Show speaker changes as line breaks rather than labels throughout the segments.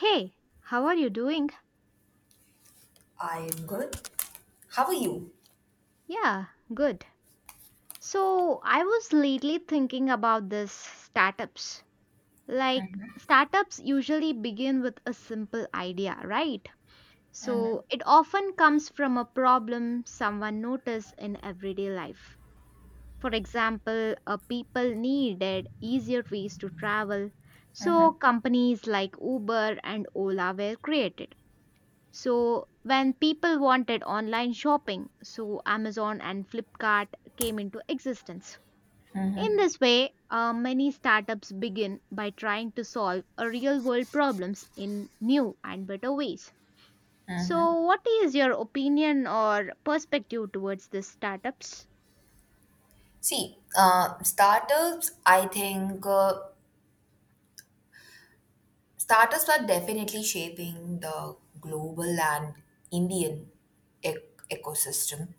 Hey, how are you doing?
I'm good. How are you?
Yeah, good. So, I was lately thinking about this startups. Like, startups usually begin with a simple idea, right? So, it often comes from a problem someone noticed in everyday life. For example, people needed easier ways to travel. So, companies like Uber and Ola were created. So when people wanted online shopping, so Amazon and Flipkart came into existence. In this way, many startups begin by trying to solve real world problems in new and better ways. So, what is your opinion or perspective towards these startups?
Startups, I think startups are definitely shaping the global and Indian ecosystem.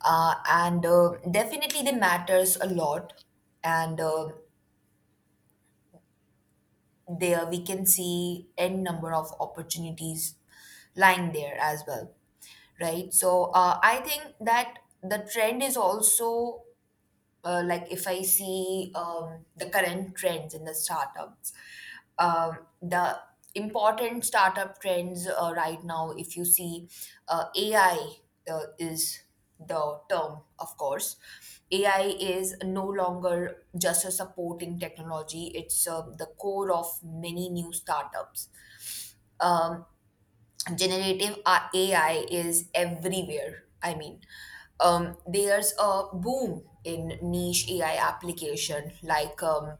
And definitely they matters a lot. And there we can see n number of opportunities lying there as well, right? I think that the trend is also like if I see the current trends in the startups, the important startup trends right now, if you see, AI is the term, of course. AI is no longer just a supporting technology, it's the core of many new startups. Um, generative AI is everywhere. I mean, there's a boom in niche AI application like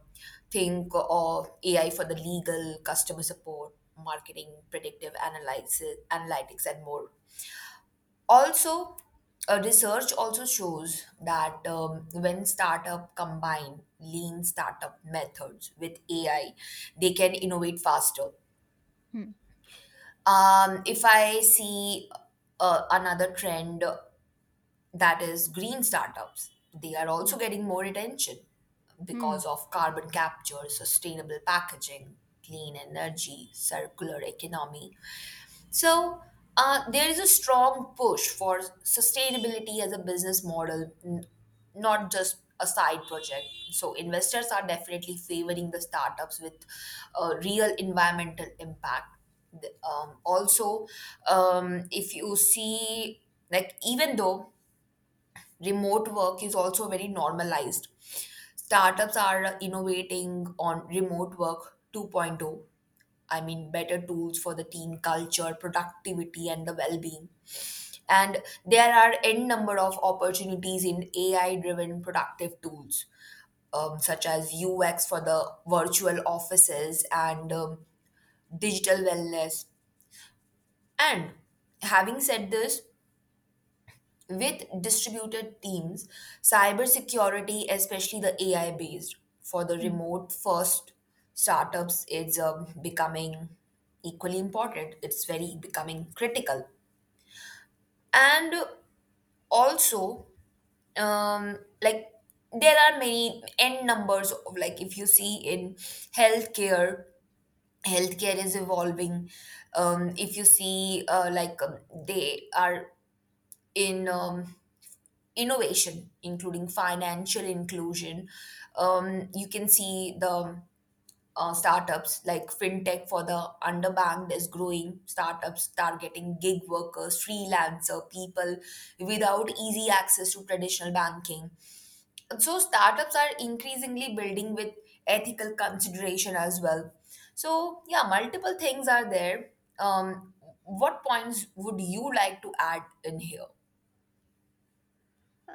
think of AI for the legal, customer support, marketing, predictive analysis, analytics, and more. Also, research also shows that when startup combine lean startup methods with AI, they can innovate faster.
Hmm.
If I see another trend, that is green startups. They are
Yeah.
also getting more attention
Hmm.
because of carbon capture, sustainable packaging, clean energy, circular economy. So, there is a strong push for sustainability as a business model, not just a side project. So, investors are definitely favoring the startups with real environmental impact. Also, if you see, like, even though remote work is also very normalized. Startups are innovating on remote work 2.0. I mean, better tools for the team culture, productivity, and the well being. And there are n number of opportunities in AI driven productive tools, such as UX for the virtual offices and digital wellness. And having said this, with distributed teams, cybersecurity, especially the AI based, for the remote first startups is becoming equally important. It's very becoming critical. And also, like there are many n numbers of, like if you see in healthcare, healthcare is evolving. If you see like they are in innovation, including financial inclusion. You can see the startups like fintech for the underbanked is growing, startups targeting gig workers, freelancer, people without easy access to traditional banking. So startups are increasingly building with ethical consideration as well. So yeah, multiple things are there. Um, what points would you like to add in here?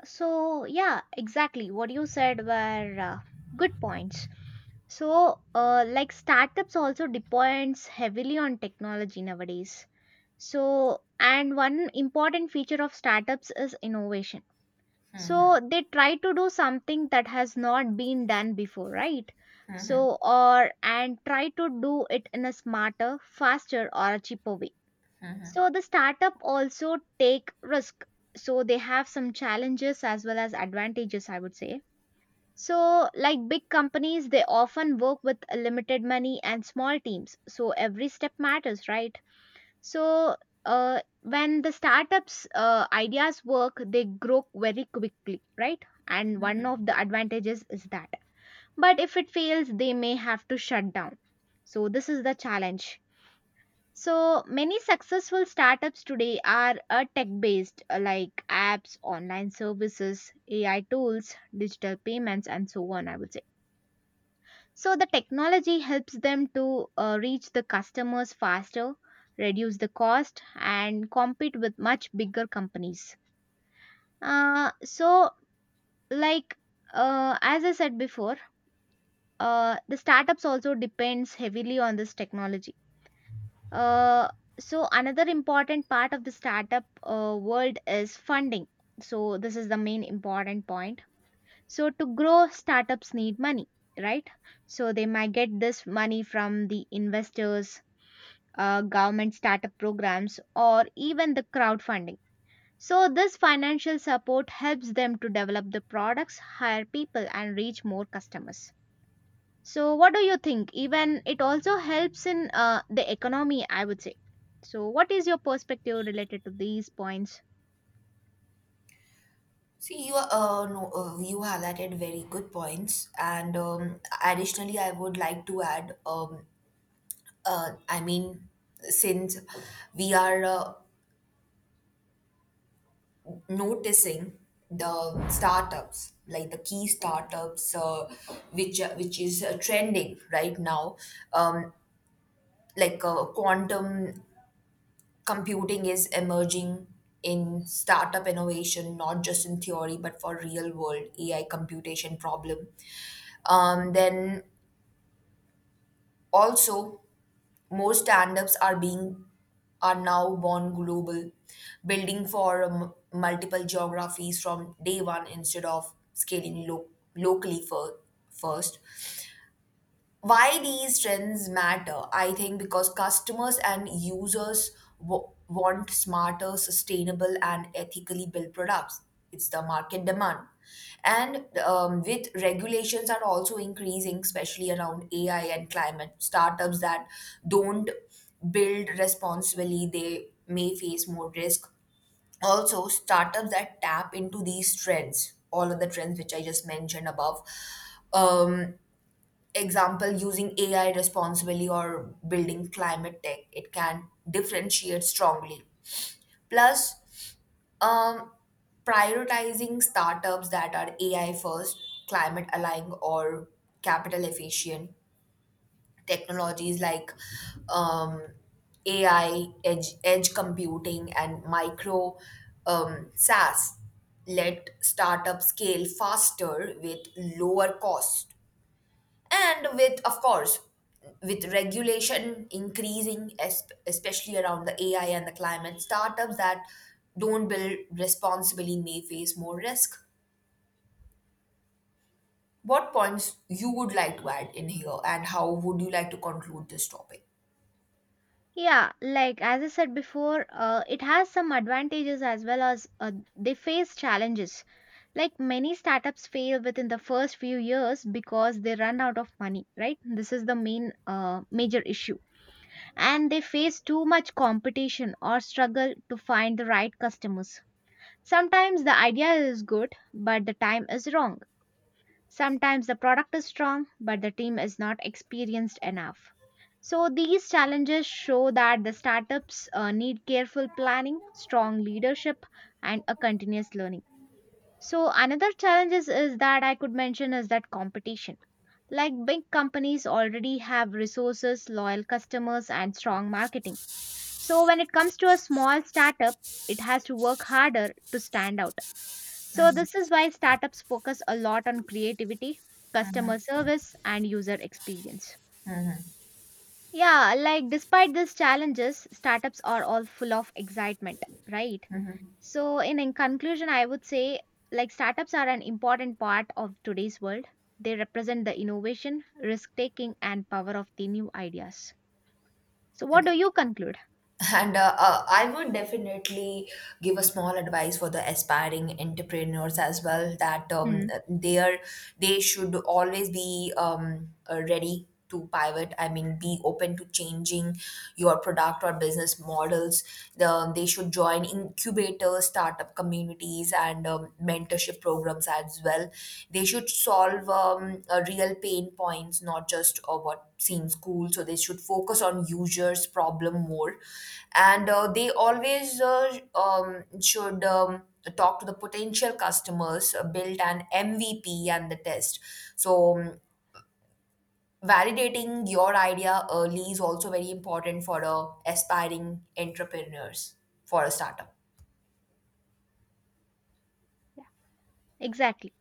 So, yeah, exactly. What you said were good points. So, like startups also depends heavily on technology nowadays. So, and one important feature of startups is innovation. So, they try to do something that has not been done before, right? So, or and try to do it in a smarter, faster, or a cheaper way. So the startup also take risk. So they have some challenges as well as advantages, I would say. So like big companies, they often work with limited money and small teams. So every step matters, right? So when the startups ideas work, they grow very quickly, right? And one of the advantages is that. But if it fails, they may have to shut down. So this is the challenge. So, many successful startups today are tech based, like apps, online services, AI tools, digital payments, and so on, I would say. So, the technology helps them to reach the customers faster, reduce the cost, and compete with much bigger companies. So, like as I said before, the startups also depends heavily on this technology. Uh, so another important part of the startup world is funding. So this is the main important point. So to grow, startups need money, right? So they might get this money from the investors, government startup programs, or even the crowdfunding. So this financial support helps them to develop the products, hire people, and reach more customers. So, what do you think? Even it also helps in the economy, I would say. So, what is your perspective related to these points?
See, you are, no, you highlighted very good points, and additionally, I would like to add. Uh, I mean, since we are noticing the startups, like the key startups, which is trending right now, um, like quantum computing is emerging in startup innovation, not just in theory, but for real world AI computation problem. Then Also, more stand-ups are being, are now born global, building for multiple geographies from day one instead of scaling locally first. Why these trends matter, I think, because customers and users want smarter, sustainable, and ethically built products. It's the market demand. And with regulations are also increasing, especially around AI and climate, startups that don't build responsibly, they may face more risk. Also, startups that tap into these trends, all of the trends which I just mentioned above, um, example using AI responsibly or building climate tech, it can differentiate strongly. Plus, um, prioritizing startups that are AI first, climate aligned, or capital efficient technologies like um, AI, edge computing, and micro SaaS let startups scale faster with lower cost and with, of course, with regulation increasing, especially around the AI and the climate, startups that don't build responsibly may face more risk. What points you would like to add in here, and how would you like to conclude this topic?
Yeah, like as I said before, it has some advantages as well as they face challenges. Like many startups fail within the first few years because they run out of money, right? This is the main major issue. And they face too much competition or struggle to find the right customers. Sometimes the idea is good, but the time is wrong. Sometimes the product is strong, but the team is not experienced enough. So, these challenges show that the startups need careful planning, strong leadership, and a continuous learning. So, another challenge is that I could mention is that competition. Like big companies already have resources, loyal customers, and strong marketing. So, when it comes to a small startup, it has to work harder to stand out. So, this is why startups focus a lot on creativity, customer service, and user experience. Yeah, like despite these challenges, startups are all full of excitement, right? So, in conclusion, I would say like startups are an important part of today's world. They represent the innovation, risk taking, and power of the new ideas. So, what do
Okay.
you conclude?
And I would definitely give a small advice for the aspiring entrepreneurs as well, that
Hmm.
they are they should always be ready to pivot. I mean, be open to changing your product or business models. They should join incubators, startup communities, and mentorship programs as well. They should solve real pain points, not just what seems cool. So they should focus on users' problem more, and they always should. Talk to the potential customers, build an MVP and the test. so um, validating your idea early is also very important for aspiring entrepreneurs for a startup.
Exactly.